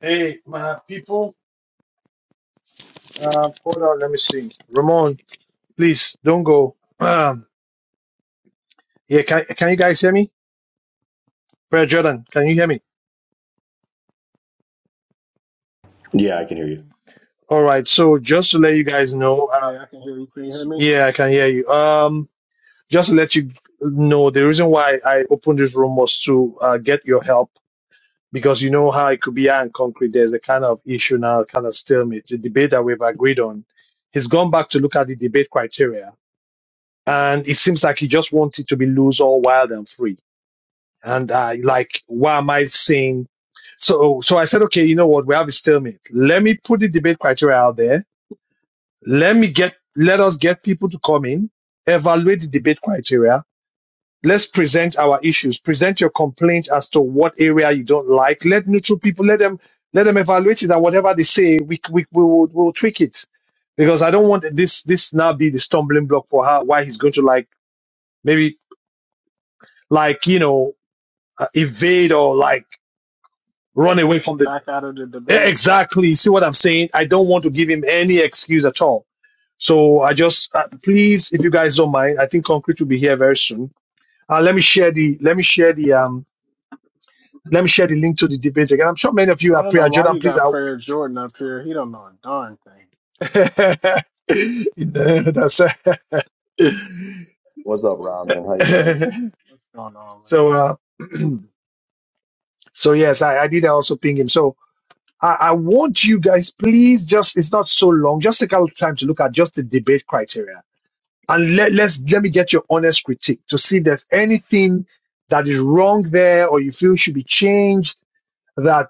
Hey, my people. Uh, hold on, let me see. Ramon, please don't go. Um, yeah, can can you guys hear me? Brother Jordan, can you hear me? Yeah, I can hear you. All right. So just to let you guys know, uh, Hey, I can hear you. Can you hear me? yeah, I can hear you. Um, just to let you know, the reason why I opened this room was to uh, get your help because you know how it could be iron concrete. There's a kind of issue now, kind of stalemate. The debate that we've agreed on, he's gone back to look at the debate criteria, and it seems like he just wants it to be loose, all wild and free and I like, why am I saying? So, so I said, okay, you know what? We have a stalemate. Let me put the debate criteria out there. Let me get, let us get people to come in, evaluate the debate criteria. Let's present our issues. Present your complaint as to what area you don't like. Let neutral people, let them, let them evaluate it and whatever they say, we, we, we will, we'll tweak it because I don't want this this now be the stumbling block for how why he's going to like maybe like you know uh, evade or like run away from the Back out of the debate. Exactly. See what I'm saying? I don't want to give him any excuse at all. So I just uh, please, if you guys don't mind, I think concrete will be here very soon. Uh, let me share the let me share the um let me share the link to the debate again. I'm sure many of you I are don't know prayer. why Jordan, you please got out. Prayer Jordan up here. He don't know a darn thing That's What's up, Ramen? How you doing? going on. Man. so uh, so yes, I, I did also ping him. So I, I want you guys, please, just it's not so long. Just take out time to look at just the debate criteria and let, let's let me get your honest critique to see if there's anything that is wrong there or you feel should be changed that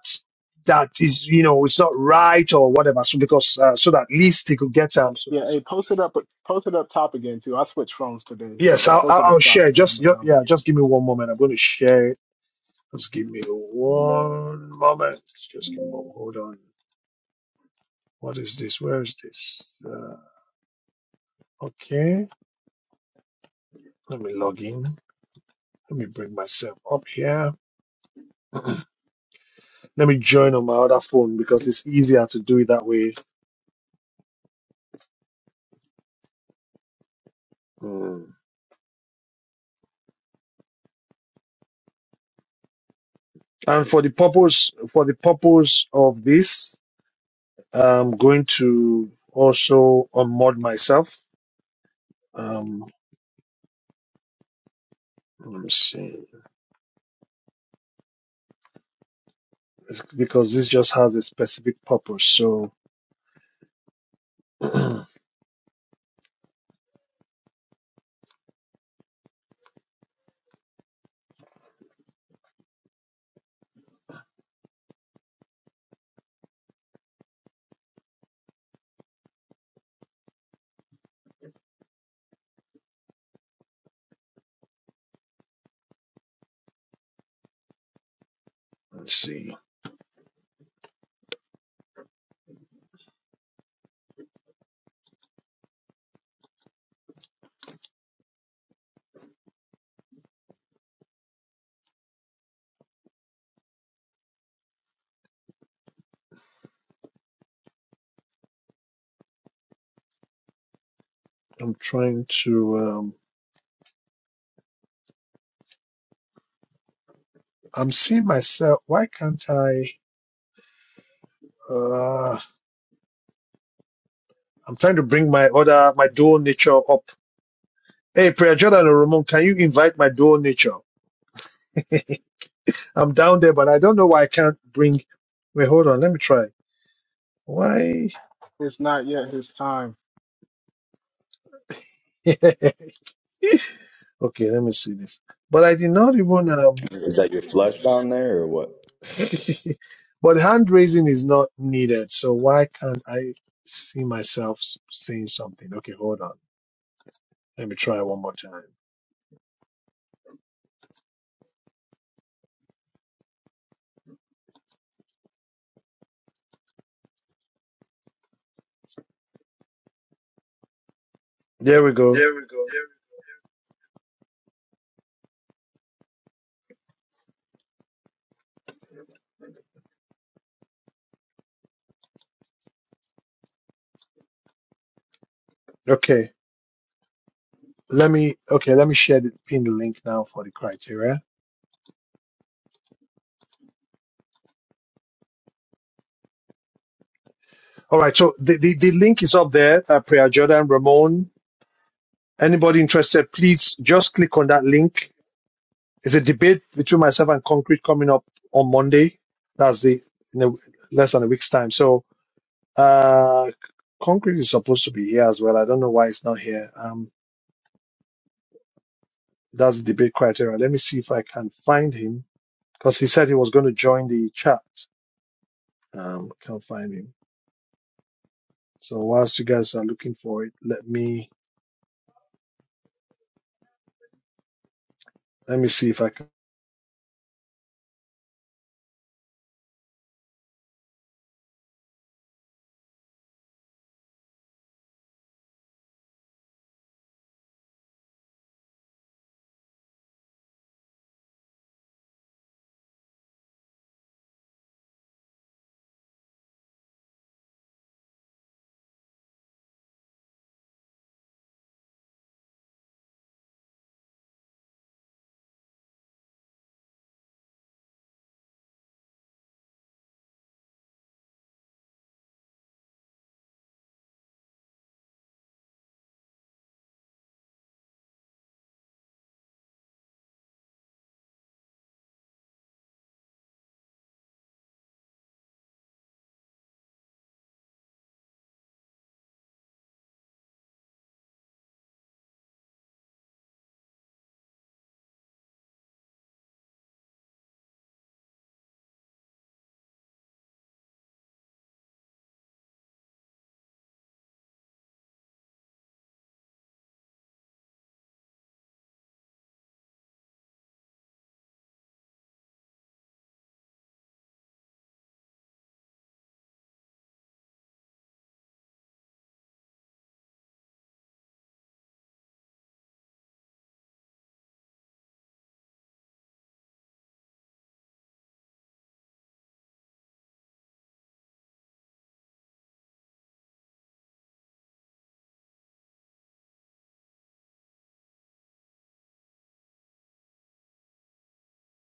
that is you know it's not right or whatever so because uh, so that at least he could get um so Yeah, hey, post it up. Post it up top again too. I switched phones today, so yes uh, i'll, post I'll it I'll up top, share and I'm just gonna ju- download yeah it. just give me one moment i'm going to share it just give me one moment just give me one, hold on what is this where is this uh, okay let me log in let me bring myself up here Let me join on my other phone because it's easier to do it that way. Mm. And for the purpose for the purpose of this, I'm going to also unmod myself. Um, let me see, because this just has a specific purpose. So let's see. I'm trying to. Um, I'm seeing myself. Why can't I? Uh, I'm trying to bring my other my dual nature up. Hey, Prayer Jordan and Ramon, can you invite my dual nature? I'm down there, but I don't know why I can't bring. Wait, hold on. Let me try. Why? It's not yet his time. okay, let me see this. But I did not even. Um, Is that your flesh down there or what? but hand raising is not needed. So why can't I see myself s- saying something? Okay, hold on. Let me try one more time. There we go. Okay. Let me okay, let me share the pin the link now for the criteria. All right, so the, the, the link is up there. Uh, Priya Jordan Ramon. Anybody interested, please just click on that link. It's a debate between myself and Concrete coming up on Monday. That's the in a, less than a week's time. So uh, Concrete is supposed to be here as well. I don't know why it's not here. Um, that's the debate criteria. Let me see if I can find him because he said he was going to join the chat. Um, can't find him. So whilst you guys are looking for it, let me let me see if I can.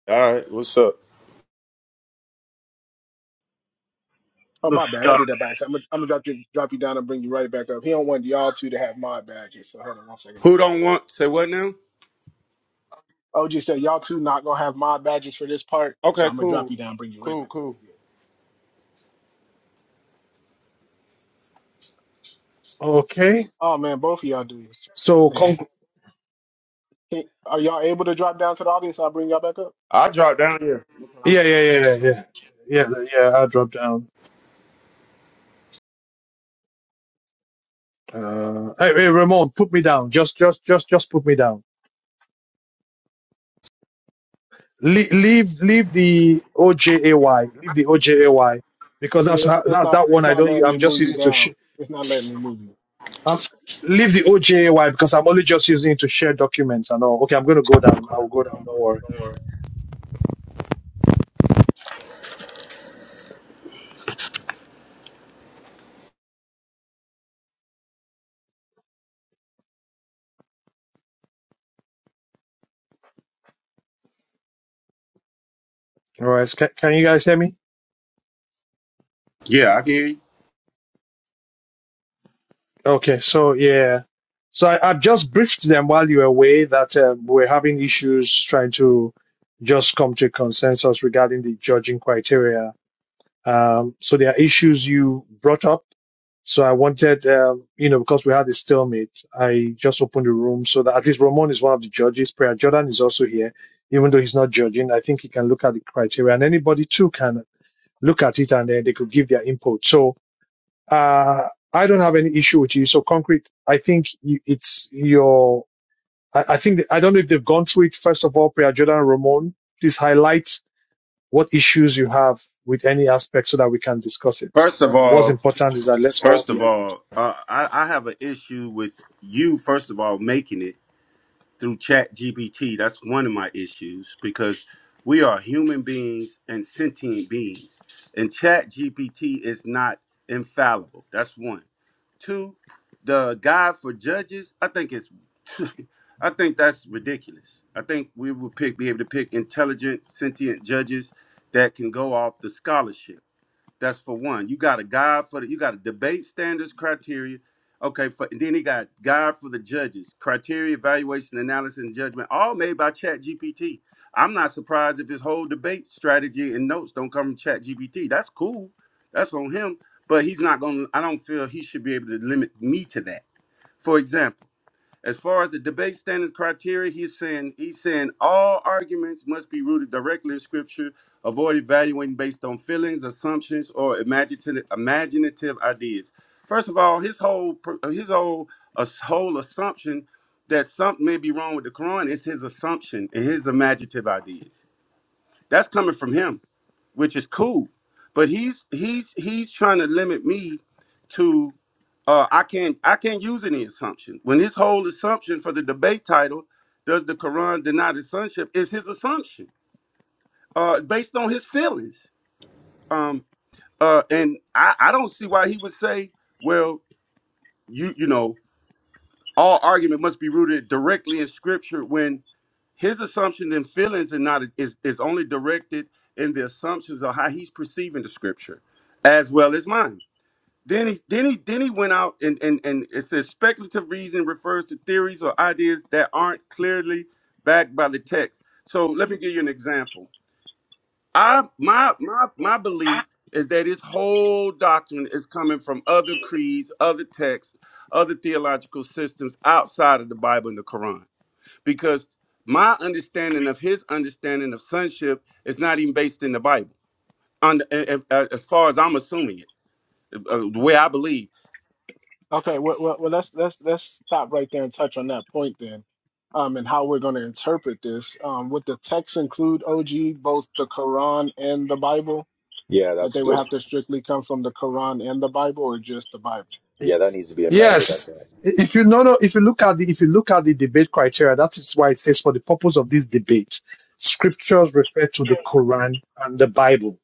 All right, what's up? Oh the my bad, I sky. did that by accident. I'm gonna, I'm gonna drop you drop you down and bring you right back up. He don't want y'all two to have mod badges. So hold on one second, Who brother. don't want say what now? OG said y'all two not gonna have mod badges for this part, so Okay, I'm gonna drop cool, you down, and bring you right cool, back up. cool. Yeah. Okay. Oh man, both of y'all do So this. Concrete. Can, are y'all able to drop down to the audience? I'll bring y'all back up. i drop down here. Yeah, yeah, yeah, yeah, yeah, yeah, yeah. I dropped down. Uh, hey, hey, Ramon, put me down. Just, just, just, just put me down. Le- leave, leave the OJAY. Leave the OJAY because Yeah, that's it's how- it's that not that one. it's I not don't. letting I'm me move just you using it to. Sh- down. It's not letting me move you. I'm, leave the OJAY because I'm only just using it to share documents and all. Okay, I'm gonna go down. I will go down. Don't worry. All right. So can, can you guys hear me? Yeah, I can hear you. Okay, so yeah, so I, I've just briefed them while you were away that um, we're having issues trying to just come to a consensus regarding the judging criteria. Um, so there are issues you brought up. So I wanted, um, you know, because we had a stalemate, I just opened the room so that at least Ramon is one of the judges. Prayer Jordan is also here, even though he's not judging. I think he can look at the criteria, and anybody too can look at it, and then they could give their input. So uh, I don't have any issue with you. So concrete, I think you- it's your. I, I think that, I don't know if they've gone through it. First of all, Priya Jordan Ramon, please highlight what issues you have with any aspect so that we can discuss it. First of What's all, important is that let's all first be of agreed. all, uh, I, I have an issue with you. First of all, making it through Chat GBT. That's one of my issues because we are human beings and sentient beings, and Chat GPT is not infallible. That's one. to the guide for judges, I think it's I think that's ridiculous. I think we would pick be able to pick intelligent, sentient judges that can go off the scholarship. That's for one. You got a guide for the, you got a debate standards criteria. Okay, for and then he got guide for the judges, criteria, evaluation, analysis, and judgment, all made by ChatGPT. I'm not surprised if his whole debate strategy and notes don't come from ChatGPT. That's cool. That's on him. But he's not gonna I don't feel he should be able to limit me to that. For example. As far as the debate standards criteria, he's saying he's saying all arguments must be rooted directly in scripture. Avoid evaluating based on feelings, assumptions, or imaginative imaginative ideas. First of all, his whole pr- his whole a whole assumption that something may be wrong with the Quran is his assumption and his imaginative ideas. That's coming from him which is cool. But he's he's he's trying to limit me to uh, I can't I can't use any assumption. When his whole assumption for the debate title, does the Quran deny the sonship, is his assumption uh, based on his feelings. Um, uh, and I, I don't see why he would say, well, you you know All argument must be rooted directly in scripture when his assumptions and feelings are not is, is only directed in the assumptions of how he's perceiving the scripture as well as mine. Then he then he then he went out and and, and it says speculative reason refers to theories or ideas that aren't clearly backed by the text. So let me give you an example I my my my belief is that this whole doctrine is coming from other creeds, other texts, other theological systems outside of the Bible and the Quran. Because my understanding of his understanding of sonship is not even based in the Bible. On the- a- a- a- as far as I'm assuming it, uh, the way I believe. Okay, well, well, well let's let's let's stop right there and touch on that point then, um, and how we're going to interpret this. Um, would the text include OG both the Quran and the Bible? Yeah, That that's they would good. have to strictly come from the Quran and the Bible, or just the Bible? I- Yeah, that needs to be amended. I Yes, think. i- if you no no if you look at the if you look at the debate criteria, that is why it says for the purpose of this debate, scriptures refer to the Quran and the Bible.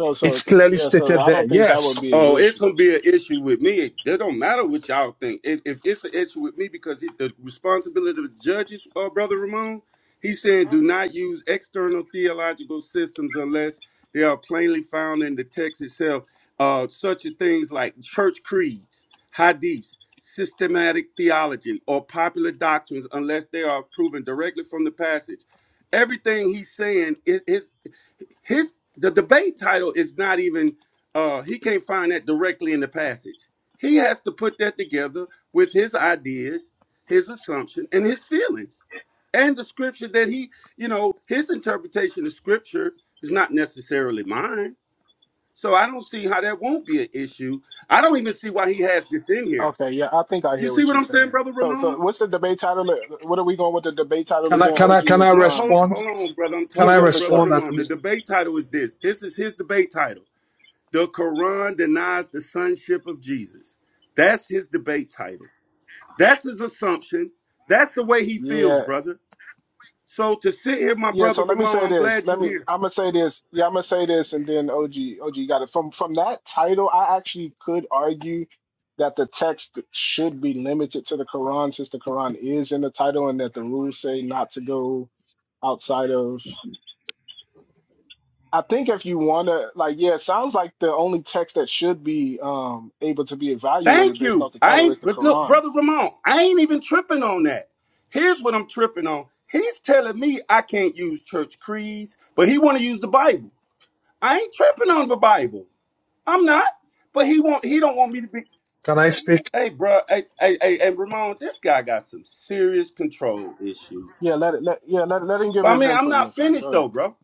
So so It's clearly yeah, so stated I there. don't think that would Yes. be Oh, an it's issue. gonna be an issue with me. It, it don't matter what y'all think. If, if it's an issue with me, because it, the responsibility of the judges, uh, brother Ramon, he's saying, do not use external theological systems unless they are plainly found in the text itself. Uh, such as things like church creeds, hadiths, systematic theology, or popular doctrines, unless they are proven directly from the passage. Everything he's saying is. is his the debate title is not even uh he can't find that directly in the passage. He has to put that together with his ideas, his assumption, and his feelings. And the scripture that he, you know, his interpretation of scripture is not necessarily mine. So I don't see how that won't be an issue. I don't even see why he has this in here. Okay, yeah, I think I You hear see what what you're I'm saying, saying. brother So, so Ramon? what's the debate title? What are we going with the debate title Can The, I again? can I OG can I is no, um hold, respond? hold on, brother. I'm Can Yeah, I talking yeah, to for brother sure. respond? At Ramon. The least? debate title is this. This is his debate title. The Quran denies the sonship of Jesus. That's his debate title. That's his assumption. That's the way he feels, Yeah, brother. So to sit here, my yeah. brother So let me Ramon, say I'm this. glad you Let me. here. I'm gonna say this. Yeah, I'm gonna say this, and then OG, OG got it. From from that title, I actually could argue that the text should be limited to the Quran, since the Quran is in the title, and that the rules say not to go outside of. I think if you wanna, like, yeah, it sounds like the only text that should be um able to be evaluated Thank based you. off the I title is ain't, the but look, Quran. brother Ramon, I ain't even tripping on that. Here's what I'm tripping on. He's telling me I can't use church creeds, but he want to use the Bible. I ain't tripping on the Bible. I'm not. But he want he don't want me to be. Can I speak? Hey, bro. Hey, hey, hey, hey, Ramon. This guy got some serious control issues. Yeah, let it. Let, yeah, let let him give But I his mean, I'm input real not fast. finished Go ahead. though, Bro. bro.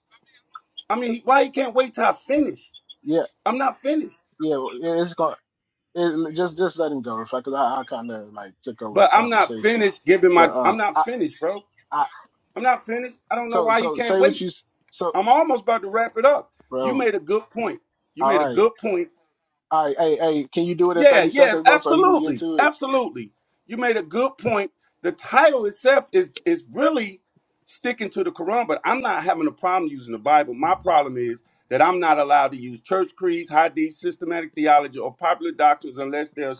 I mean, he- why he can't wait till I finish? Yeah. I'm not finished. Yeah, yeah, it's going. it, just just let him go, because I, I kind of like took over the But I'm not conversation. finished giving But my. I'm uh, not I, finished, bro. I I'm not finished. I don't know so why he so can't say what wait. you s- so I'm almost about to wrap it up. You bro. made a good point. You All made a right, good point. all right. Hey, hey, can you do it in Yeah, thirty yeah, seconds, bro, so he can get absolutely. to it? Absolutely. You made a good point. The title itself is is really sticking to the Quran, but I'm not having a problem using the Bible. My problem is that I'm not allowed to use church creeds, hadith, systematic theology, or popular doctrines unless they're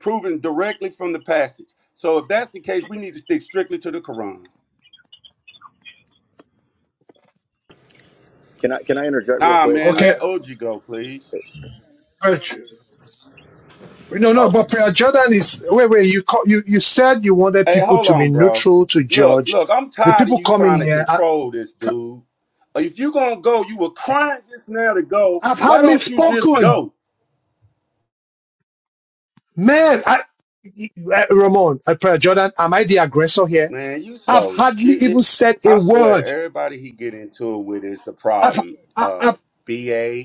proven directly from the passage. So if that's the case, we need to stick strictly to the Quran. Can I can I interject real Nah, quick? man, I, Okay. let OG go, please. but- No, no. oh, okay. But Prayer Jordan is wait, wait. You ca- you you said you wanted Hey, people hold to be on, bro. neutral to Look, judge. look, I'm The tired of people you coming trying to here, I, control this dude. If you gonna go, you were crying just now to go. I've Why hardly don't you just spoken, go, man. I, I- Ramon, I Prayer Jordan, am I the aggressor here? man? You I've so. hardly It, even it, said a I swear, word. everybody he get into it with is the I've, problem. I, Uh, I've ba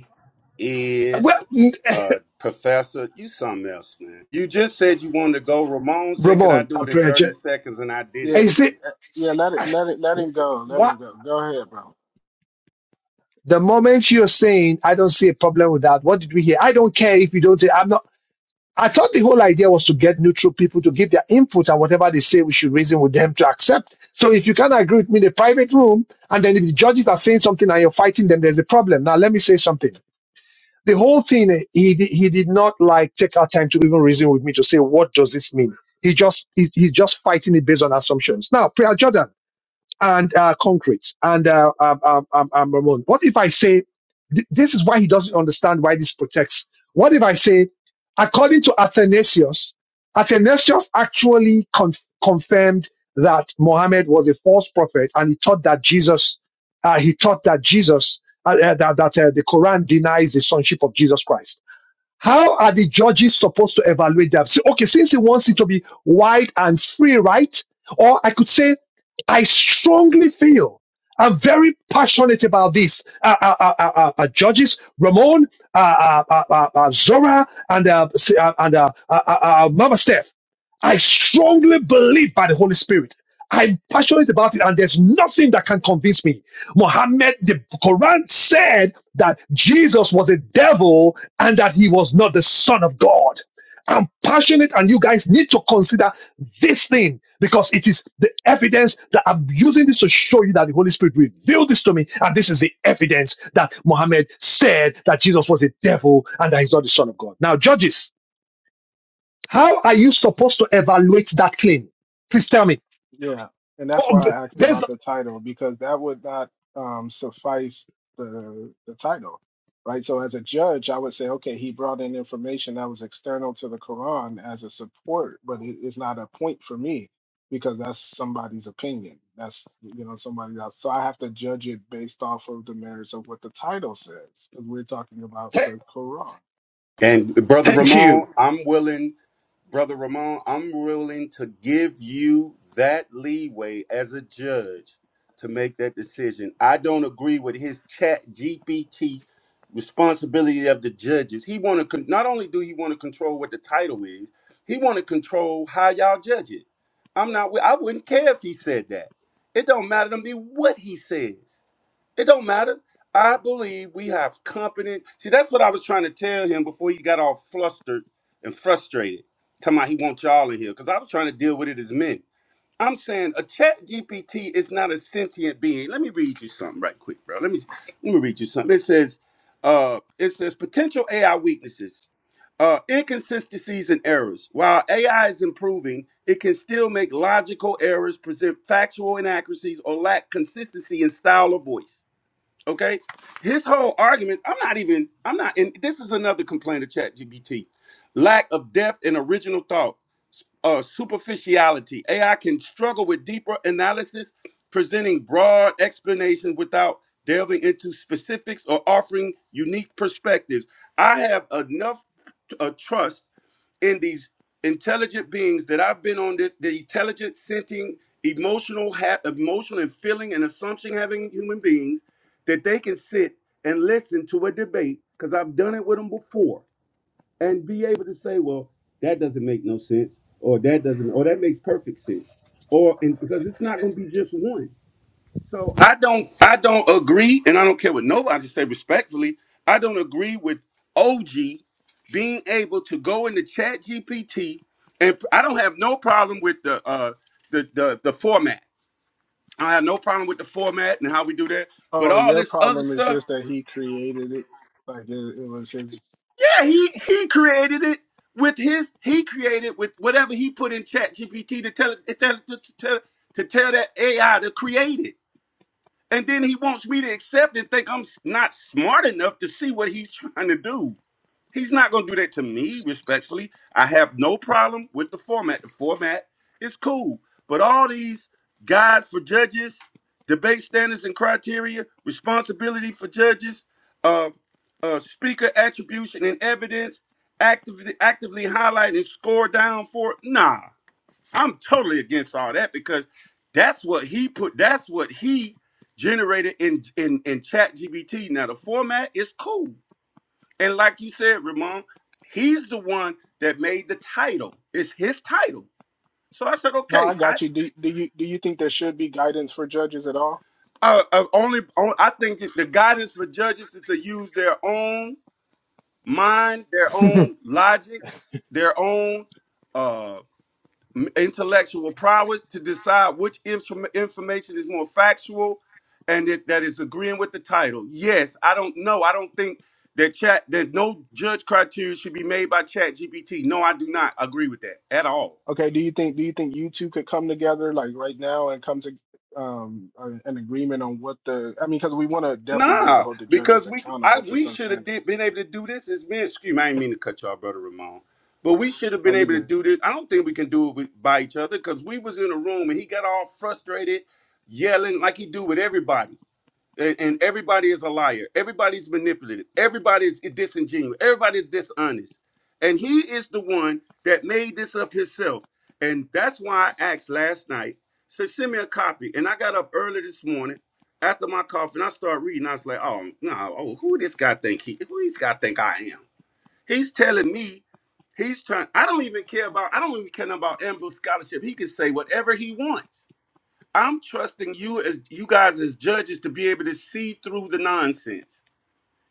is well, uh professor. You something else, man. You just said you wanted to go. Ramon said, "Could I Ramon, do I it in Prayer 30 Jordan, seconds?" And I did Yeah, it, is man. it uh, yeah. Let it, let it, let him go. Let what? him go. Go ahead, bro. The moment you're saying, I don't see a problem with that, what did we hear? I don't care if you don't say, I'm not. I thought the whole idea was to get neutral people to give their input and whatever they say, we should reason with them to accept. So if you can't agree with me in a private room, and then if the judges are saying something and you're fighting them, there's a problem. Now, let me say something. The whole thing, he, di- he did not like take our time to even reason with me to say, what does this mean? He just, he, he just fighting it based on assumptions. Now, Priya Jordan, and uh, concrete and uh, um, um, um, um, Ramon. What if I say th- this is why he doesn't understand why this protects? What if I say, according to Athanasius, Athanasius actually conf- confirmed that Mohammed was a false prophet, and he taught that Jesus, uh, he taught that Jesus, uh, uh, that, that uh, the Quran denies the sonship of Jesus Christ. How are the judges supposed to evaluate that? So, okay, since he wants it to be wide and free, right? Or I could say, I strongly feel, I'm very passionate about this. Uh, uh, uh, uh, uh, uh, judges, Ramon, uh, uh, uh, uh, uh, Zora, and uh, s- uh, and uh, uh, uh, uh, Mama Steph. I strongly believe by the Holy Spirit. I'm passionate about it, and there's nothing that can convince me. Muhammad, the Quran said that Jesus was a devil and that he was not the Son of God. I'm passionate, and you guys need to consider this thing because it is the evidence that I'm using this to show you that the Holy Spirit revealed this to me, and this is the evidence that Muhammad said that Jesus was a devil and that he's not the Son of God. Now, judges, how are you supposed to evaluate that claim? Please tell me. Yeah, and that's Oh, why b- I asked there's, about the title because that would not um, suffice the the title, right? So as a judge, I would say, okay, he brought in information that was external to the Quran as a support, but it is not a point for me because that's somebody's opinion. That's you know somebody else. So I have to judge it based off of the merits of what the title says because we're talking about th- the Quran. And brother thank Ramon, you. I'm willing Brother Ramon, I'm willing to give you that leeway as a judge to make that decision. I don't agree with his chat GPT responsibility of the judges. He want to con- not only do he want to control what the title is, he want to control how y'all judge it. I'm not wi- I wouldn't care if he said that. It don't matter to me what he says. It don't matter. I believe we have competent. See, that's what I was trying to tell him before he got all flustered and frustrated. Talking about he wants y'all in here because I was trying to deal with it as men. I'm saying a chat GPT is not a sentient being. Let me read you something right quick, bro. Let me let me read you something. It says, uh, it says potential AI weaknesses, uh, inconsistencies and errors. While AI is improving, it can still make logical errors, present factual inaccuracies, or lack consistency in style or voice. Okay, his whole argument. I'm not even. I'm not. And this is another complaint of ChatGPT: lack of depth and original thought, uh, superficiality. AI can struggle with deeper analysis, presenting broad explanations without delving into specifics or offering unique perspectives. I have enough uh, trust in these intelligent beings that I've been on this, the intelligent, sentient, emotional, ha- emotional and feeling and assumption having human beings that they can sit and listen to a debate because I've done it with them before and be able to say, well, that doesn't make no sense, or that doesn't, or that makes perfect sense, or and because it's not going to be just one. So I don't, I don't agree, and I don't care what nobody say. Respectfully, I don't agree with OG being able to go into Chat GPT, and I don't have no problem with the uh the the, the format. I have no problem with the format and how we do that. But Oh, all your this other problem is just stuff. that he created it, like it, it was his. Yeah, he he created it with his he created with whatever he put in chat GPT to tell it to tell, it- to, to, tell to tell that AI to create it. And then he wants me to accept and think I'm s- not smart enough to see what he's trying to do. He's not going to do that to me, respectfully. I have no problem with the format. The format is cool. But all these guides for judges, debate standards and criteria, responsibility for judges, uh, uh, speaker attribution and evidence, actively, actively highlight and score down for it. Nah, I'm totally against all that because that's what he put, that's what he generated in, in, in Chat GBT. Now, the format is cool and like you said, Ramon, he's the one that made the title. It's his title. So I said, No, okay, I I got you. Do, do you do you think there should be guidance for judges at all? uh, uh, only on, I think that the guidance for judges is to use their own mind, their own logic, their own uh, m- intellectual prowess to decide which inform- information is more factual and it, that is agreeing with the title. Yes, I don't know. I don't think that chat that no judge criteria should be made by chat GPT. No, I do not agree with that at all. Okay, do you think do you think you two could come together like right now and come to um a- an agreement on what the I mean, because we want to definitely be able to Nah, hold the judges because we I accountable to we some should have standard. did been able to do this as men. Excuse me, I didn't mean to cut y'all, brother Ramon. But we should have Are been you able to good? do this. I don't think we can do it with, by each other because we was in a room and he got all frustrated, yelling like he do with everybody. and, and everybody is a liar. Everybody's manipulative. Everybody is disingenuous. Everybody's dishonest. And he is the one that made this up himself. And that's why I asked last night, so send me a copy. And I got up early this morning after my coffee and I started reading. I was like, oh, no, oh, who this guy think he, who this guy think I am? He's telling me he's trying, I don't even care about, I don't even care about Amber Scholarship. He can say whatever he wants. I'm trusting you as you guys as judges to be able to see through the nonsense,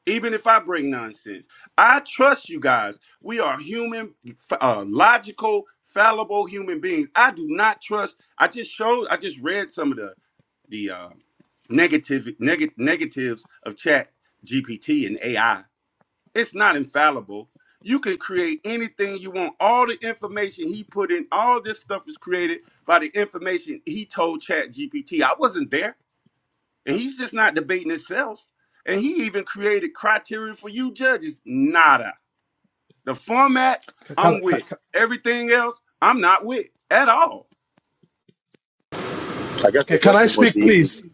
even if I bring nonsense. I trust you guys. We are human, f- uh, logical, fallible human beings. I do not trust. I just showed. I just read some of the the uh, negative neg- negatives of Chat GPT and AI. It's not infallible. You can create anything you want. All the information he put in, all this stuff is created by the information he told Chat GPT. I wasn't there. And he's just not debating himself. And he even created criteria for you judges. Nada. The format, Can, I'm can, with. Everything else, I'm not with at all. I guess Okay, the can I question would speak, be please?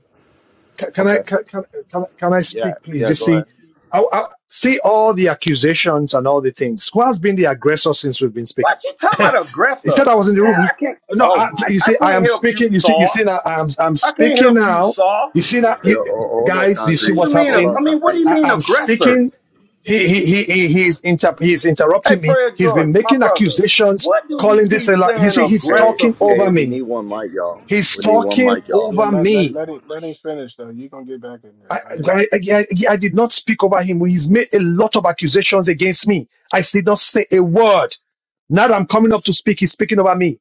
Can, can I okay. can, can, can can I Yeah, speak, please? yeah. You Go see, ahead. I, I see all the accusations and all the things. Who has been the aggressor since we've been speaking? What you talking he about aggressor? said I was in the Man, room. I can't No, oh I, my you I see, I can't am help you speaking. You see, you see soft. now, I'm I'm I can't speaking help you now. You soft. see now, Yo, you, ho- hold up, guys, you see What concrete. you what's mean? Hold ag- I happening. up, mean, what do concrete. you I, mean I'm aggressor? speaking. He he he he he's inter he's Hey, interrupting me. Prayer He's been Jordan, my making brother, accusations, what do he calling this keep a lie. You saying see, he's Hey, aggressor talking hey. over for? We need me. one mic, y'all. He's We need one talking mic, y'all. Yeah, over let let me. let it let him finish though. You gonna get back in there. I, Let him. I, I, I I did not speak over him. He's made a lot of accusations against me. I did not say a word. Now that I'm coming up to speak, he's speaking over me.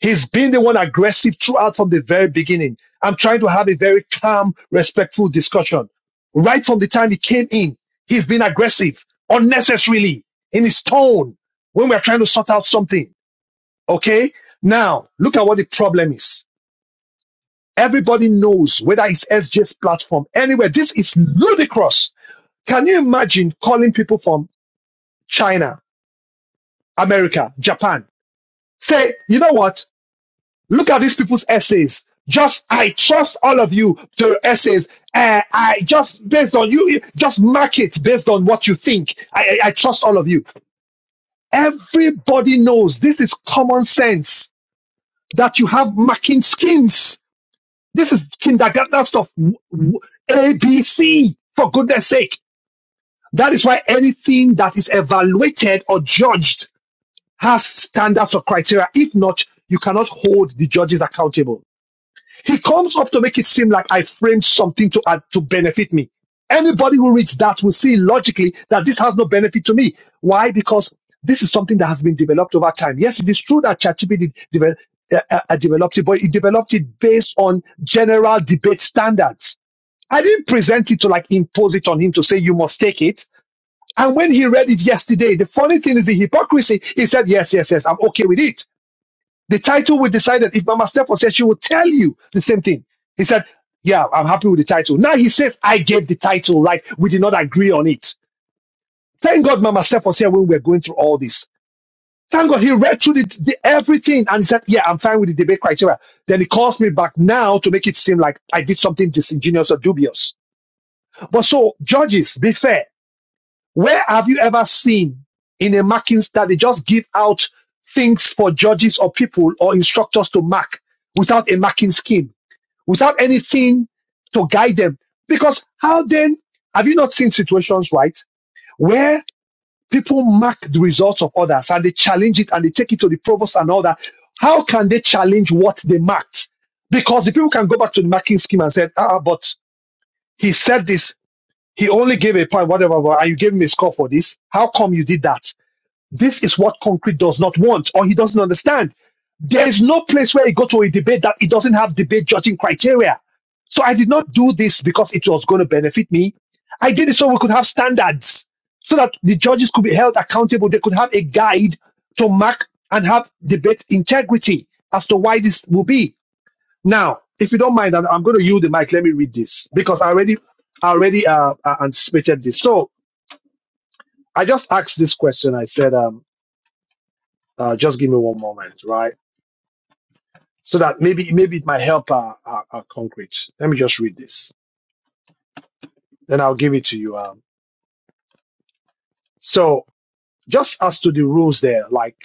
He's been the one aggressive throughout from the very beginning. I'm trying to have a very calm, respectful discussion. Right from the time he came in, he's been aggressive unnecessarily in his tone when we're trying to sort out something. Okay. Now look at what the problem is. Everybody knows whether it's SJ's platform anywhere. This is ludicrous can you imagine calling people from China, America, Japan? Say, you know what? Look at these people's essays. Just, I trust all of you to your essays. Uh, I just, based on you, just mark it based on what you think. I, I I trust all of you. Everybody knows this is common sense that you have marking schemes. This is kindergarten stuff. A B C. for goodness sake. That is why anything that is evaluated or judged has standards or criteria. If not, you cannot hold the judges accountable. He comes up to make it seem like I framed something to add, to benefit me. Anybody who reads that will see logically that this has no benefit to me. Why? Because this is something that has been developed over time. Yes, it is true that ChatGPT developed, uh, uh, uh, developed it, but it developed it based on general debate standards. I didn't present it to like impose it on him to say you must take it. And when he read it yesterday, the funny thing is the hypocrisy. He said, yes, yes, yes, I'm okay with it. The title we decided, if Mama Steph said, she will tell you the same thing. He said, yeah, I'm happy with the title. Now he says, I gave the title, like we did not agree on it. Thank God Mama Steph was here when we were going through all this. Thank God he read through the, the everything and he said, yeah, I'm fine with the debate criteria. Then he calls me back now to make it seem like I did something disingenuous or dubious. But so, judges, be fair Where have you ever seen in a marking that they just give out things for judges or people or instructors to mark without a marking scheme, without anything to guide them? Because how then have you not seen situations, right, where people mark the results of others and they challenge it and they take it to the provost and all that? How can they challenge what they marked? Because the people can go back to the marking scheme and say, ah, but he said this, he only gave a point, whatever, and you gave him a score for this. How come you did that? This is what concrete does not want or he doesn't understand. There is no place where you go to a debate that it doesn't have debate judging criteria. So I did not do this because it was going to benefit me. I did it so we could have standards so that the judges could be held accountable. They could have a guide to mark and have debate integrity as to why this will be. Now, if you don't mind, I'm, I'm going to yield the mic. Let me read this because I already, I already uh, uh, anticipated this. So I just asked this question. I said, um, uh, just give me one moment, right? So that maybe maybe it might help our, our, our concrete. Let me just read this, then I'll give it to you. Um, so just as to the rules there, like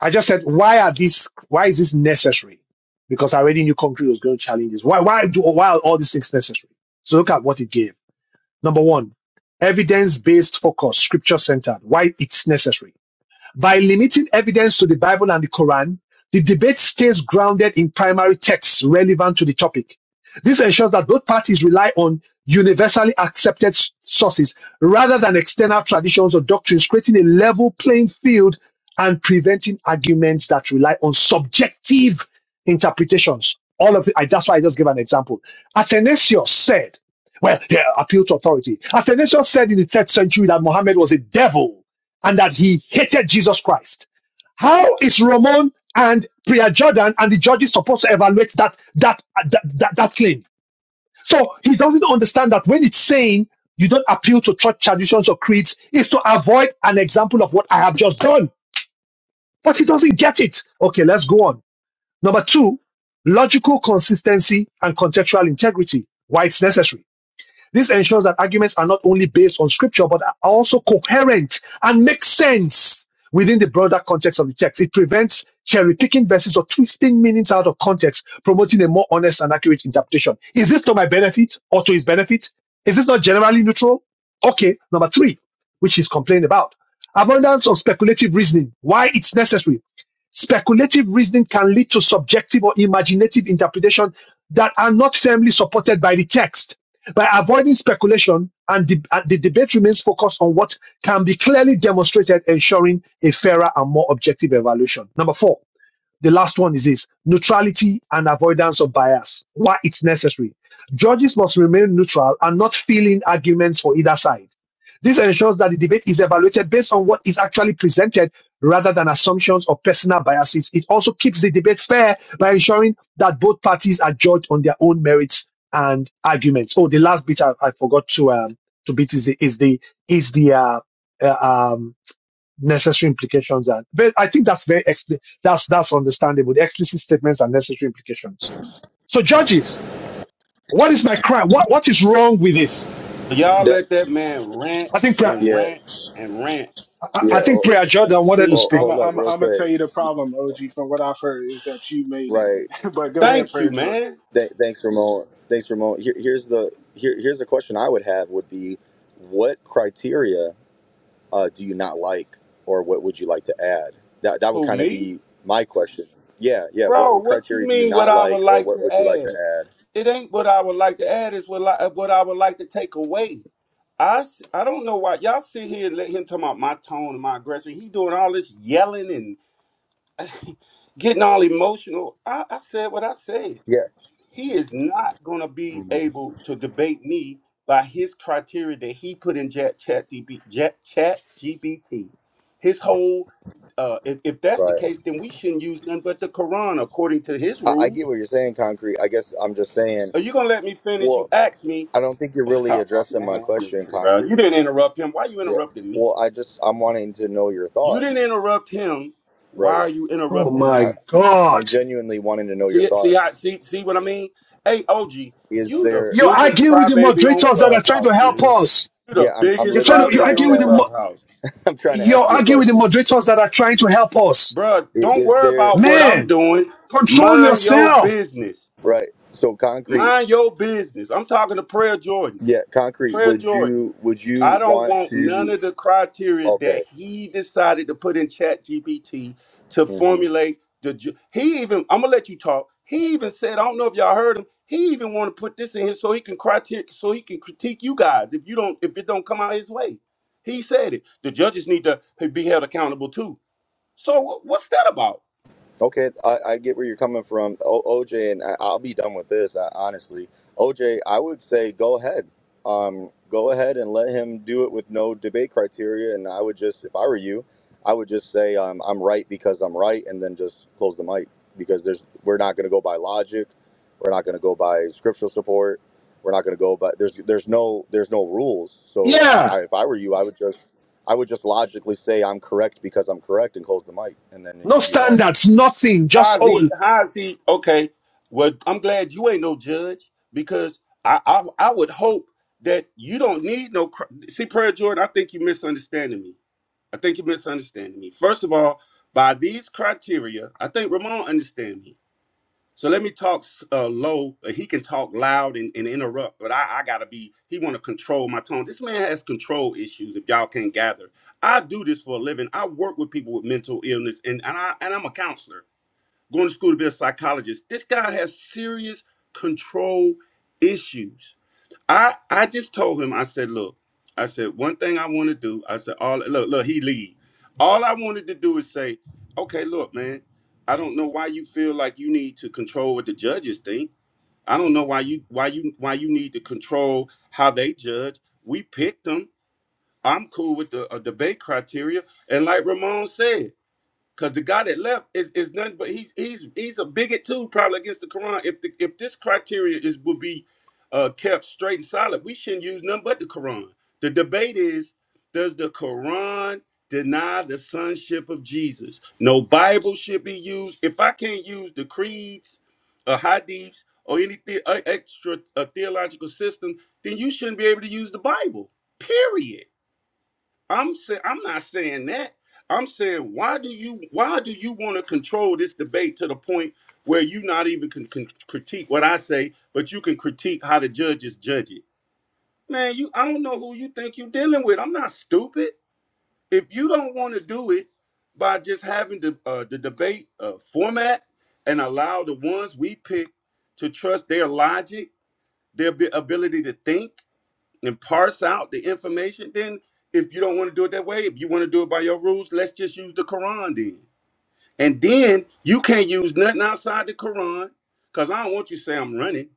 I just said, why are these? Why is this necessary? Because I already knew concrete was going to challenge this. Why why do why are all these things necessary? So look at what it gave. Number one, evidence based focus, scripture centered. Why it's necessary. By limiting evidence to the Bible and the Quran, the debate stays grounded in primary texts relevant to the topic. This ensures that both parties rely on universally accepted s- sources rather than external traditions or doctrines, creating a level playing field and preventing arguments that rely on subjective interpretations. All of it, I, that's why I just gave an example. Athanasius said, well, they appeal to authority. Athanasius said in the third century that Mohammed was a devil and that he hated Jesus Christ. How is Ramon and Priya Jordan and the judges supposed to evaluate that that that, that, that claim? So he doesn't understand that when it's saying you don't appeal to church traditions or creeds, it's to avoid an example of what I have just done. But he doesn't get it. Okay, let's go on. Number two, logical consistency and contextual integrity. Why it's necessary. This ensures that arguments are not only based on scripture, but are also coherent and make sense within the broader context of the text. It prevents cherry picking verses or twisting meanings out of context, promoting a more honest and accurate interpretation. Is this to my benefit or to his benefit? Is this not generally neutral? Okay, number three, which he's complaining about. Abundance of speculative reasoning. Why it's necessary. Speculative reasoning can lead to subjective or imaginative interpretation that are not firmly supported by the text by avoiding speculation and the, and the debate remains focused on what can be clearly demonstrated, ensuring a fairer and more objective evaluation. Number four, the last one is this neutrality and avoidance of bias. Why it's necessary. Judges must remain neutral and not fill in arguments for either side. This ensures that the debate is evaluated based on what is actually presented rather than assumptions or personal biases. It also keeps the debate fair by ensuring that both parties are judged on their own merits and arguments. Oh, the last bit I, I forgot to um, to beat is the is the is the uh, uh, um, necessary implications are. But I think that's very expli- that's that's understandable. The explicit statements and necessary implications. So judges, what is my crime? What what is wrong with this? Y'all That let that man rant I think Pre- and yeah, rant and rant. I, yeah. I think Oh, Prayer And Jordan wanted to see, I'm speak. i hold I'm i up, am real I'm gonna tell quick. you the problem, OG. From what I've heard is that you made Right. it. but go ahead, thank you, Prayer Jordan. man. Th- thanks, Ramon. Thanks, Ramon. Here, here's the here, here's the question I would have would be, what criteria uh, do you not like, or what would you like to add? That that would Who, kind of me? be my question. Yeah, yeah. What, Bro, what what you criteria do you mean what not I would like, or like to what would you like to add? add? It ain't what I would like to add, it's what I, what I would like to take away. I, s- I don't know why y'all sit here and let him talk about my tone and my aggression. He doing all this yelling and getting all emotional. I, I said what I said. Yeah, he is not going to be Mhm. able to debate me by his criteria that he put in chat chat, DB, chat, chat gbt his whole uh if, if that's the Right. case then we shouldn't use none but the quran according to his I, I get rules what you're saying, Concrete. I guess I'm just saying, are you gonna let me finish you well, asked me I don't think you're really oh addressing my man question, listen bro you Concrete. didn't interrupt him why you Yeah. interrupting me Well, I just, I'm wanting to know your you didn't thoughts. interrupt him why Right. are you Oh interrupting me my I, God! I'm genuinely wanting to know your See it? See how? thoughts. See see what I mean? Hey, OG, Is you the there? You're biggest arguing with the crybaby on moderators that are trying to Clubhouse, help man. us. You Yeah, the I'm. I'm biggest You're trying literally to you crybaby trying argue on with the to. mo- Clubhouse, I'm trying to ask you're you a arguing with the question. moderators that are trying to help us. Bruh, I- Don't Is worry there? about what I'm Man, doing. control Mind your yourself. business. Right. So concrete. Mind your business. I'm talking to Prayer Jordan. Yeah, concrete. Prayer Would Jordan. you? Would I you don't want want none to? of the criteria Okay. that he decided to put in Chat GPT to mm-hmm. formulate the. ju- He even I'm gonna let you talk. He even said I don't know if y'all heard him. He even want to put this in here so he can criteria so he can critique you guys if you don't if it don't come out his way. He said it. The judges need to be held accountable too. So wh- what's that about? Okay, I, I get where you're coming from, o, OJ, and I, I'll be done with this. I, honestly, OJ, I would say go ahead, um, go ahead and let him do it with no debate criteria. And I would just, if I were you, I would just say um, I'm right because I'm right, and then just close the mic because there's we're not going to go by logic, we're not going to go by scriptural support, we're not going to go by there's there's no there's no rules. So I, Yeah, I, if I were you, I would just I would just logically say I'm correct because I'm correct and close the mic, and then no you won. standards, nothing. Just How's he? all. How's he? Okay. Well, I'm glad you ain't no judge because I I, I would hope that you don't need no. cr- See, Prayer Jordan, I think you're misunderstanding me. I think you're misunderstanding me. First of all, by these criteria, I think Ramon understand me. So let me talk uh, low. uh, He can talk loud and, and interrupt, but I, I gotta be. He want to control my tone. This man has control issues. If y'all can't gather, I do this for a living. I work with people with mental illness, and and I and I'm a counselor going to school to be a psychologist. This guy has serious control issues. I I just told him, I said, look, I said, one thing I want to do, I said, all look, look, he leave. All I wanted to do is say, okay, look, man, I don't know why you feel like you need to control what the judges think. I don't know why you why you why you need to control how they judge. We picked them. I'm cool with the uh, debate criteria. And like Ramon said, Cause the guy that left is, is nothing but he's he's he's a bigot too, probably against the Quran. If the, if this criteria is will be uh, kept straight and solid, we shouldn't use nothing but the Quran. The debate is: Does the Quran deny the sonship of Jesus? No Bible should be used. If I can't use the creeds, or hadiths, or any the, uh, extra uh, theological system, then you shouldn't be able to use the Bible. Period. I'm saying I'm not saying that. I'm saying why do you why do you want to control this debate to the point where you not even can, can critique what I say, but you can critique how the judges judge it. Man, you I don't know who you think you're dealing with. I'm not stupid. If you don't want to do it by just having the uh, the debate uh, format and allow the ones we pick to trust their logic, their bi- ability to think, and parse out the information, then if you don't want to do it that way, if you want to do it by your rules, let's just use the Quran then. And then you can't use nothing outside the Quran because I don't want you to say I'm running.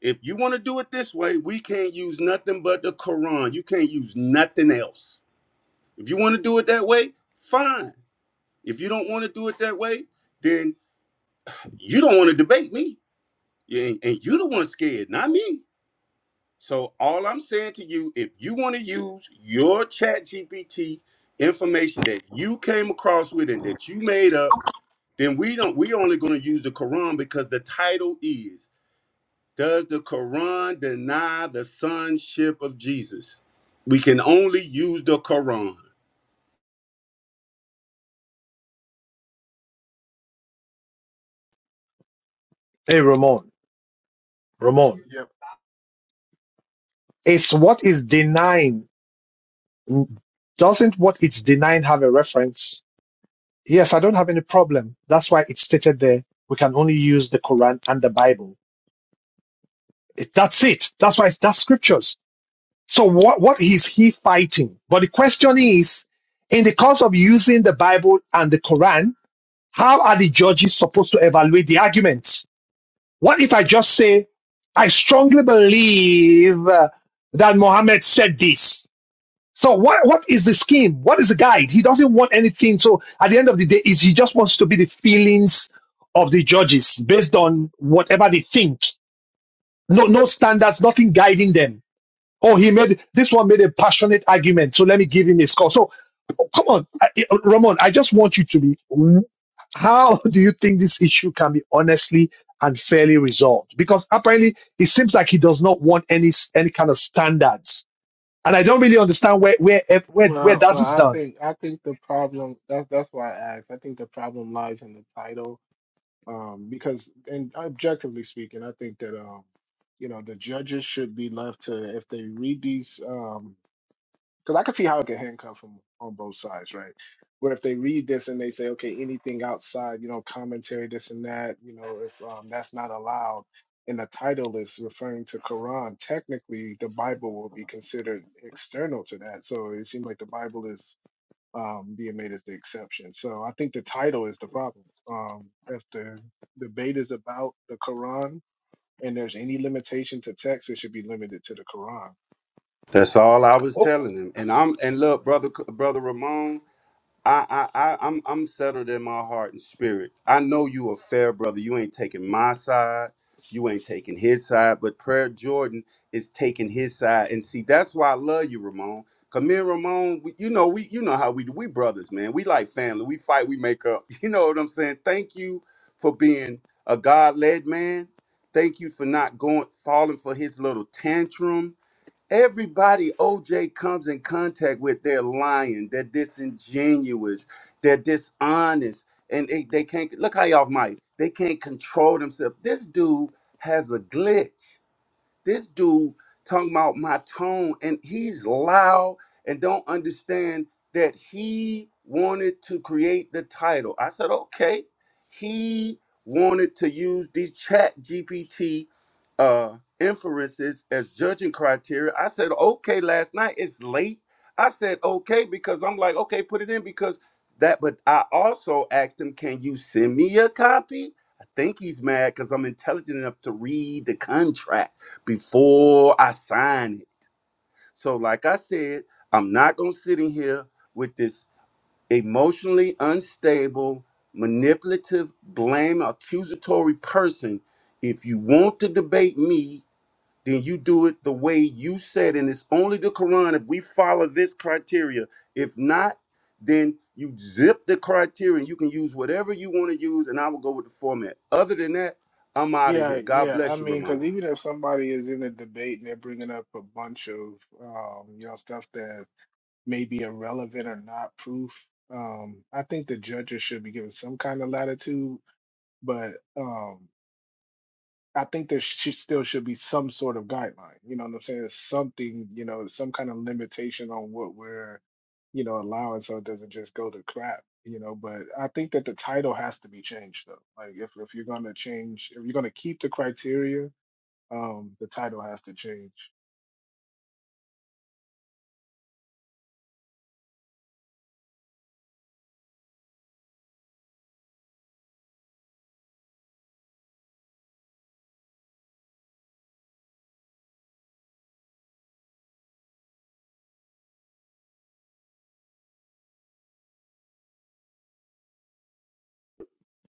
If you want to do it this way, we can't use nothing but the Quran. You can't use nothing else. If you want to do it that way, fine. If you don't want to do it that way, then you don't want to debate me. Yeah, And, and you the one scared, not me. So all I'm saying to you, if you want to use your chat GPT information that you came across with and that you made up, then we don't we are only going to use the Quran because the title is Does the Quran deny the sonship of Jesus? We can only use the Quran. Hey, Ramon. Ramon. Yep. It's what is denying. Doesn't what it's denying have a reference? Yes, I don't have any problem. That's why it's stated there. We can only use the Quran and the Bible. It- That's it. That's why it's, that's scriptures. So what, what is he fighting? But the question is, in the course of using the Bible and the Quran, how are the judges supposed to evaluate the arguments? What if I just say, I strongly believe uh, that Muhammad said this? So what what is the scheme? What is the guide? He doesn't want anything. So at the end of the day, is he just wants to be the feelings of the judges based on whatever they think. No no standards, nothing guiding them. Oh, he made this one made a passionate argument, so let me give him a score. So oh, come on, I- I- Ramon, I just want you to be. How do you think this issue can be honestly and fairly resolved? Because apparently it seems like he does not want any any kind of standards and I don't really understand where where where where Well, that well, is I done. think I think the problem that's that's why I asked. I think the problem lies in the title. um, because and objectively speaking, I think that um, you know the judges should be left to if they read these um, because I can see how it could handcuff them on both sides, right? Where if they read this and they say, okay, anything outside, you know, commentary, this and that, you know, if um, that's not allowed, and the title is referring to Quran, technically the Bible will be considered external to that. So it seems like the Bible is um, being made as the exception. So I think the title is the problem. Um, if the debate is about the Quran and there's any limitation to text, it should be limited to the Quran. That's all I was Oh, telling them. And I'm and look, brother brother Ramon, I, I, I, I'm, I'm settled in my heart and spirit. I know you a fair brother. You ain't taking my side. You ain't taking his side. But Prayer Jordan is taking his side. And see, that's why I love you, Ramon. Cause me and Ramon, we, you know, we, you know how we do. We brothers, man. We like family. We fight. We make up. You know what I'm saying? Thank you for being a God-led man. Thank you for not going falling for his little tantrum Everybody OJ comes in contact with, they're lying, they're disingenuous, they're dishonest, and they, they can't look how y'all might. They can't control themselves. This dude has a glitch. This dude talking about my tone, and he's loud and don't understand that he wanted to create the title. I said, okay. He wanted to use these chat GPT uh inferences as judging criteria. I said, okay, last night it's late. I said, okay, because I'm like, okay, put it in because that, but I also asked him, can you send me a copy? I think he's mad because I'm intelligent enough to read the contract before I sign it. So, like I said, I'm not going to sit in here with this emotionally unstable, manipulative, blame, accusatory person. If you want to debate me, then you do it the way you said. And it's only the Quran if we follow this criteria. If not, then you zip the criteria and you can use whatever you want to use, and I will go with the format. Other than that, I'm out of here. Yeah, God yeah. I bless you, mean, Ramon. because even if somebody is in a debate and they're bringing up a bunch of um, you know stuff that may be irrelevant or not proof, um, I think the judges should be given some kind of latitude. But um, I think there should, still should be some sort of guideline. You know what I'm saying? Something, you know, some kind of limitation on what we're, you know, allowing so it doesn't just go to crap, you know. But I think that the title has to be changed though. Like if if you're gonna change, if you're gonna keep the criteria, um, the title has to change.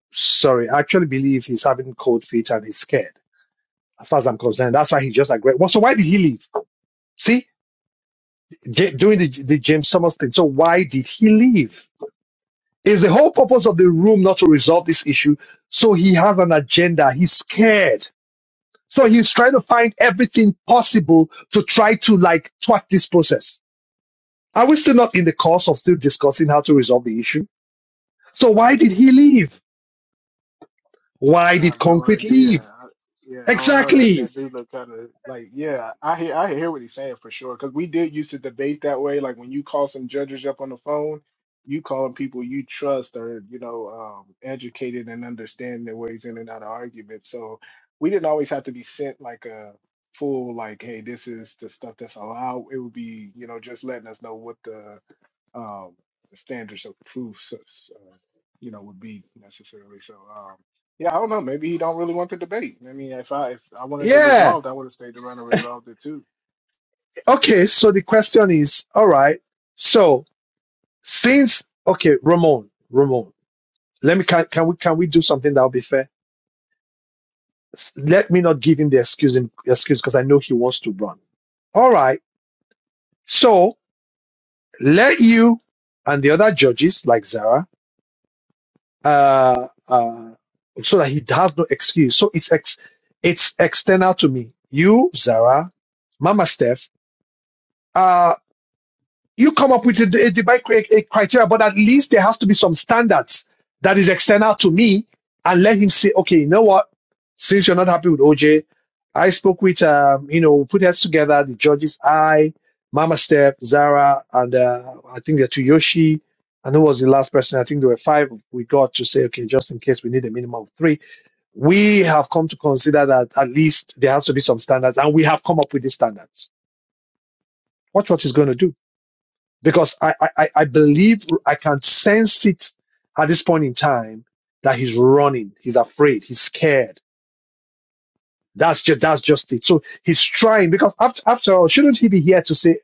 sorry, I actually believe he's having cold feet and he's scared. As far as I'm concerned, that's why he's just like well, so why did he leave? See, J- doing the the James Thomas thing. So why did he leave? Is the whole purpose of the room not to resolve this issue? So he has an agenda. He's scared. So he's trying to find everything possible to try to like thwart this process. Are we still not in the course of still discussing how to resolve the issue? So why did he leave? Yeah, Why I did have no concrete idea. leave? I, yeah, I don't know. That Exactly. that dude look kind of like yeah. I hear I hear what he's saying for sure because we did used to debate that way. Like when you call some judges up on the phone, you calling people you trust or you know um, educated and understand their ways in and out of arguments. So we didn't always have to be sent like a full like hey this is the stuff that's allowed. It would be you know just letting us know what the um, the standards of proof, so- so, you know, would be necessarily. So, um, yeah, I don't know. Maybe he don't really want the debate. I mean, if I if I wanted it Yeah. resolved, I would have stayed around and resolved it too. Okay. So the question is, all right. So since, okay, Ramon, Ramon, let me, can, can we, can we do something that will be fair? S- Let me not give him the excuse, excuse because I know he wants to run. All right. So let you and the other judges like Zara, uh, uh, so that he has no excuse. So it's ex, it's external to me. You, Zara, Mama Steph. uh, you come up with a, a Dubai cri- a criteria, but at least there has to be some standards that is external to me and let him say, okay, you know what? Since you're not happy with OJ, I spoke with, um, you know, we put heads together, the judges, I, Mama Steph, Zara, and uh, I think they're two Yoshi. And who was the last person? I think there were five we got to say, okay, just in case we need a minimum of three. We have come to consider that at least there has to be some standards, and we have come up with these standards. Watch what he's going to do because I, I, I believe I can sense it at this point in time that he's running, he's afraid, he's scared. That's just that's just it. So he's trying because after after all, shouldn't he be here to say,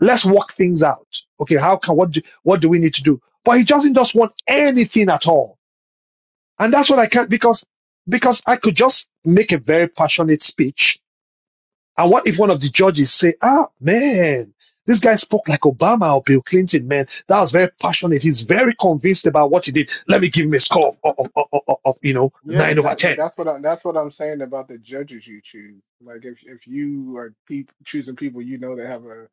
let's work things out? Okay, how can what do, what do we need to do? But he doesn't just want anything at all, and that's what I can't because because I could just make a very passionate speech And what if one of the judges say, ah, man, this guy spoke like Obama or Bill Clinton, man. That was very passionate. He's very convinced about what he did. Let me give him a score of, of, of, of- of, you know, Yeah, nine over that, but 10. that's what I, that's what I'm saying about the judges you choose. Like, if if you are peop choosing people you know that have a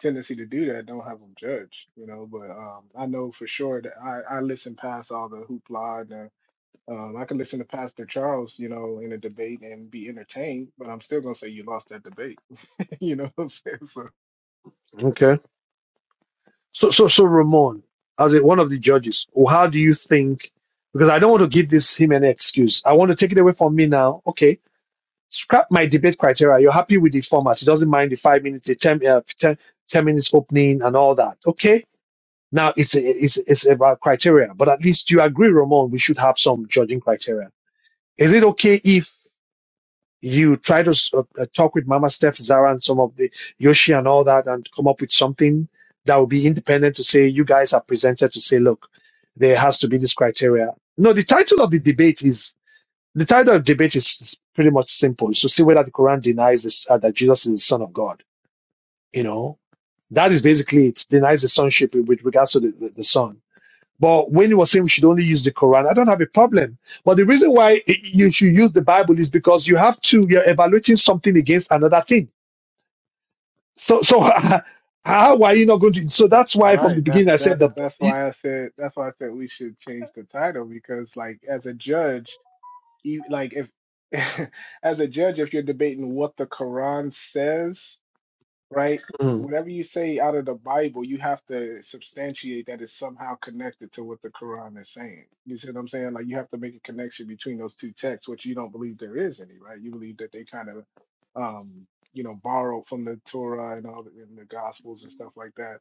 tendency to do that, don't have them judged, you know. But um, I know for sure that I I listen past all the hoopla Um, I could listen to Pastor Charles, you know, in a debate and be entertained, but I'm still gonna say you lost that debate. you know what I'm saying? So Okay. So, so, so Ramon, as a, one of the judges, how do you think, because I don't want to give this him any excuse. I want to take it away from me now. Okay. Scrap my debate criteria. You're happy with the format. He doesn't mind the five minutes, the 10, uh, 10, ten minutes opening and all that. Okay Now it's a, it's it's about criteria, but at least you agree, Ramon. We should have some judging criteria. Is it okay if you try to s- uh, uh, talk with Mama Steph, Zara, and some of the Yoshi and all that, and come up with something that will be independent to say you guys are presented to say, look, there has to be this criteria. No, the title of the debate is the title of the debate is is pretty much simple. It's to see whether the Quran denies this, uh, that Jesus is the Son of God. You know, that is basically it. Denies the sonship with regards to the, the, the Son but when he was saying we should only use the Quran, I don't have a problem. But the reason why you should use the Bible is because you have to, you're evaluating something against another thing. So, so how are you not going to? So that's why from right, the that's beginning I said that that. that's you- why I said that's why I said we should change the title because like as a judge, you like if as a judge, if you're debating what the Quran says right? mm, Whatever you say out of the Bible, you have to substantiate that it's somehow connected to what the Quran is saying. You see what I'm saying? Like you have to make a connection between those two texts, which you don't believe there is any, right? You believe that they kind of, um, you know, borrowed from the Torah and all the, and the Gospels and stuff like that.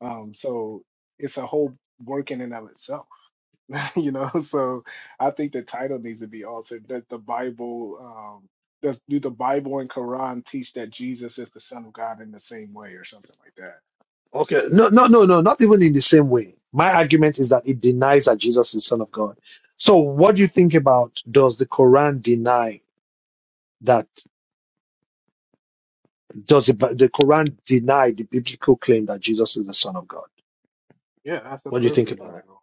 Um, so it's a whole working in and of itself. you know so i think the title needs to be altered that the bible um does do the bible and quran teach that jesus is the son of god in the same way or something like that okay, no, no, no, no, not even in the same way. My argument is that it denies that Jesus is Son of God. So, what do you think about? Does the Quran deny that? Does the, the Quran deny the biblical claim that Jesus is the Son of God? yeah that's a What do you think perfect about that? title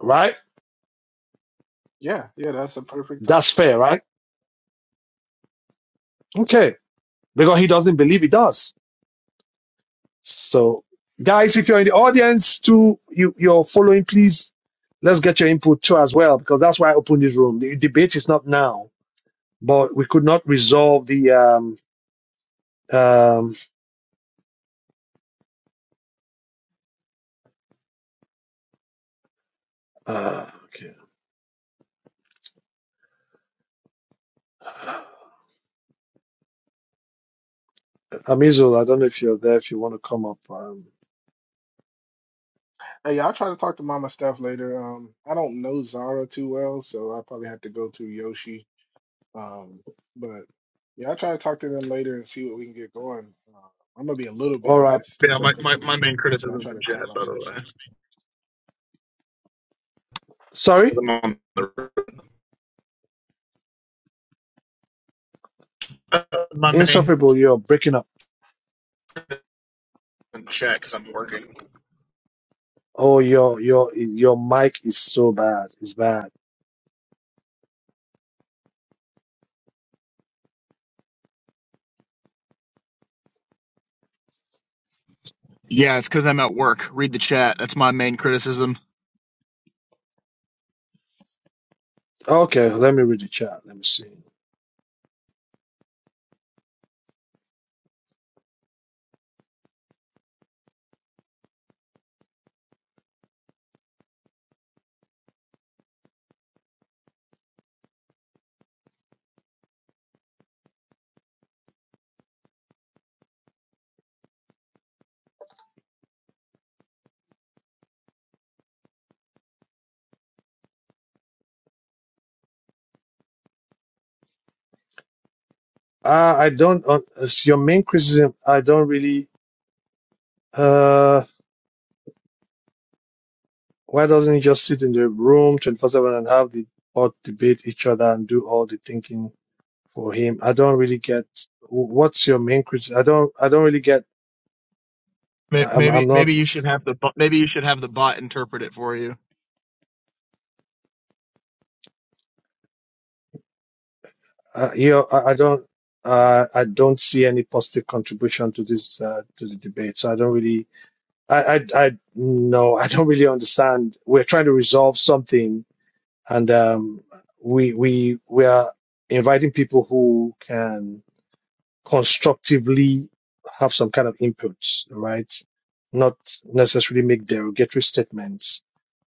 Right? yeah yeah that's a perfect That's title fair, right? Okay, because he doesn't believe he does. So, guys, if you're in the audience too, you, you're following, please let's get your input too as well, because that's why I opened this room. The debate is not now, but we could not resolve the. Um, um, uh, okay. Amizul, I don't know if you're there, if you want to come up. Um, hey i'll try to talk to mama Steph later um i don't know zara too well so i'll probably have to go through yoshi um but yeah i'll try to talk to them later and see what we can get going uh, i'm gonna be a little all busy right. this Yeah, this my, my, upcoming week my main but i'll criticism's try in to chat, carve out by the some time way. Sorry, 'cause I'm on the uh, my main insufferable, you're breaking up. in chat because I'm working. Oh, your your your mic is so bad. It's bad. Yeah, it's because I'm at work. Read the chat. That's my main criticism. Okay, let me read the chat. Let me see. Uh, I don't, uh, as your main criticism, I don't really, uh, why doesn't he just sit in the room 24 7 and have the or debate each other and do all the thinking for him? I don't really get wh- what's your main criticism. I don't, I don't really get, I- I'm, Maybe I'm not, maybe you should have the maybe you should have the bot interpret it for you. uh, you know, I, I don't, uh, I don't see any positive contribution to this, uh, to the debate. So I don't really, I, I, I, no, I don't really understand. We're trying to resolve something and um, we we we are inviting people who can constructively have some kind of input, right? Not necessarily make derogatory statements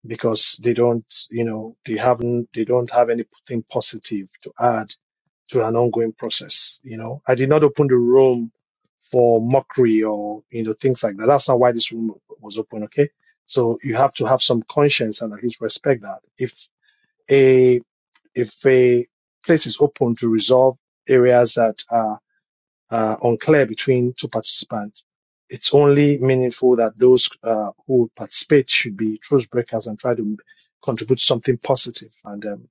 because they don't, you know, they haven't, they don't have anything positive to add to an ongoing process. You know, I did not open the room for mockery or you know things like that. That's not why this room was open. Okay, so you have to have some conscience and at least respect that. If if a place is open to resolve areas that are uh, unclear between two participants, it's only meaningful that those uh, who participate should be truth breakers and try to contribute something positive. And um,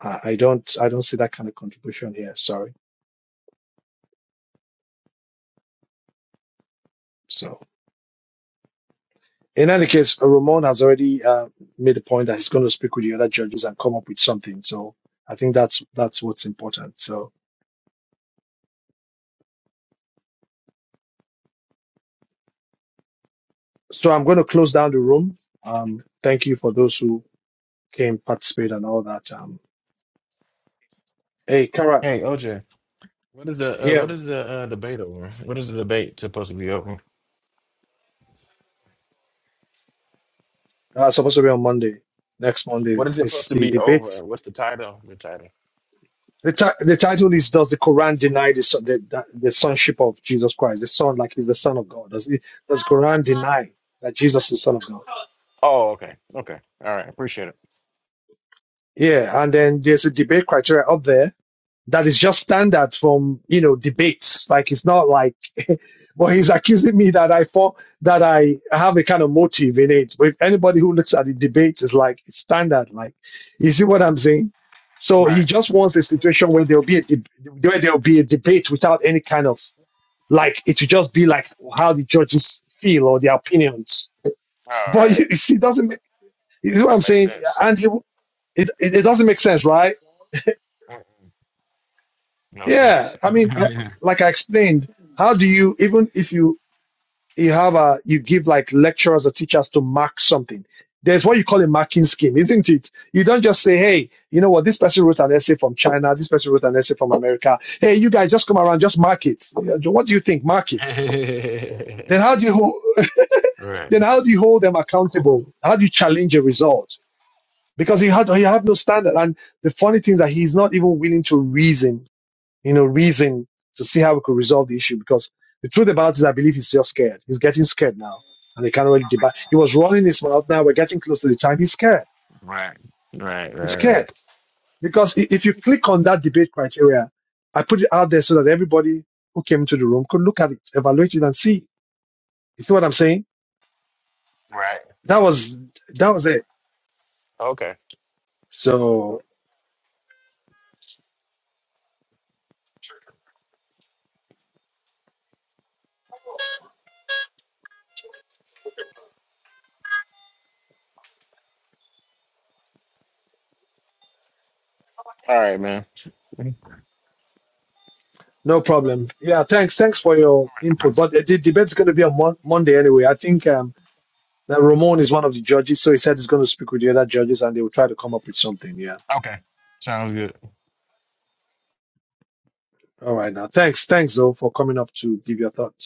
I, I don't, I don't see that kind of contribution here. Sorry. So, in any case, Ramon has already uh, made a point that he's going to speak with the other judges and come up with something. So, I think that's that's what's important. So, so I'm going to close down the room. Um, thank you for those who can participate and all that. Um, hey, Kara, Hey OJ, what is the uh, what here is the uh, debate over? What is the debate supposed to be over? uh, supposed to be on Monday. Next Monday What is it is supposed to the be debate. over? What's the title? The title. The, ti- the title is "Does the Quran deny the, son- the, the the sonship of Jesus Christ? The son, like, is the son of God? Does it, does Quran deny that Jesus is the son of God?" Oh, okay, okay, all right. Appreciate it. Yeah, and then there's a debate criteria up there that is just standard from you know debates. Like it's not like, well, he's accusing me that I thought that I have a kind of motive in it. But anybody who looks at the debates is like it's standard. Like, you see what I'm saying? So he Right. just wants a situation where there'll be a deb where there'll be a debate without any kind of like it will just be like how the judges feel or their opinions. All But right. you, it doesn't. Make, you see what I'm That makes saying? sense. And he, it, it it doesn't make sense, right? Mm, No sense. Yeah, I mean, I, like I explained, how do you even if you you have a you give like lecturers or teachers to mark something? There's what you call a marking scheme, isn't it? You don't just say, hey, you know what, this person wrote an essay from China, this person wrote an essay from America. Hey, you guys, just come around, just mark it. Yeah, What do you think? Mark it. Then how do you hold, right. then how do you hold them accountable? How do you challenge a result? Because he had he had no standard, and the funny thing is that he's not even willing to reason you know, reason to see how we could resolve the issue. Because the truth about it, I believe he's just scared. He's getting scared now. And they can't really debate. He was running his mouth. Now we're getting close to the time. He's scared. Right. Right. Right. He's Right. scared. Because i- if you click on that debate criteria, I put it out there so that everybody who came into the room could look at it, evaluate it and see. You see what I'm saying? Right. That was, that was it. Okay. So All right, man. no problem. Yeah. Thanks. Thanks for your input. But uh, the debate's going to be on mon- Monday anyway. I think, um, That Ramon is one of the judges, so he said he's going to speak with the other judges and they will try to come up with something. Yeah. Okay. Sounds good. All right now. Thanks. Thanks though for coming up to give your thoughts.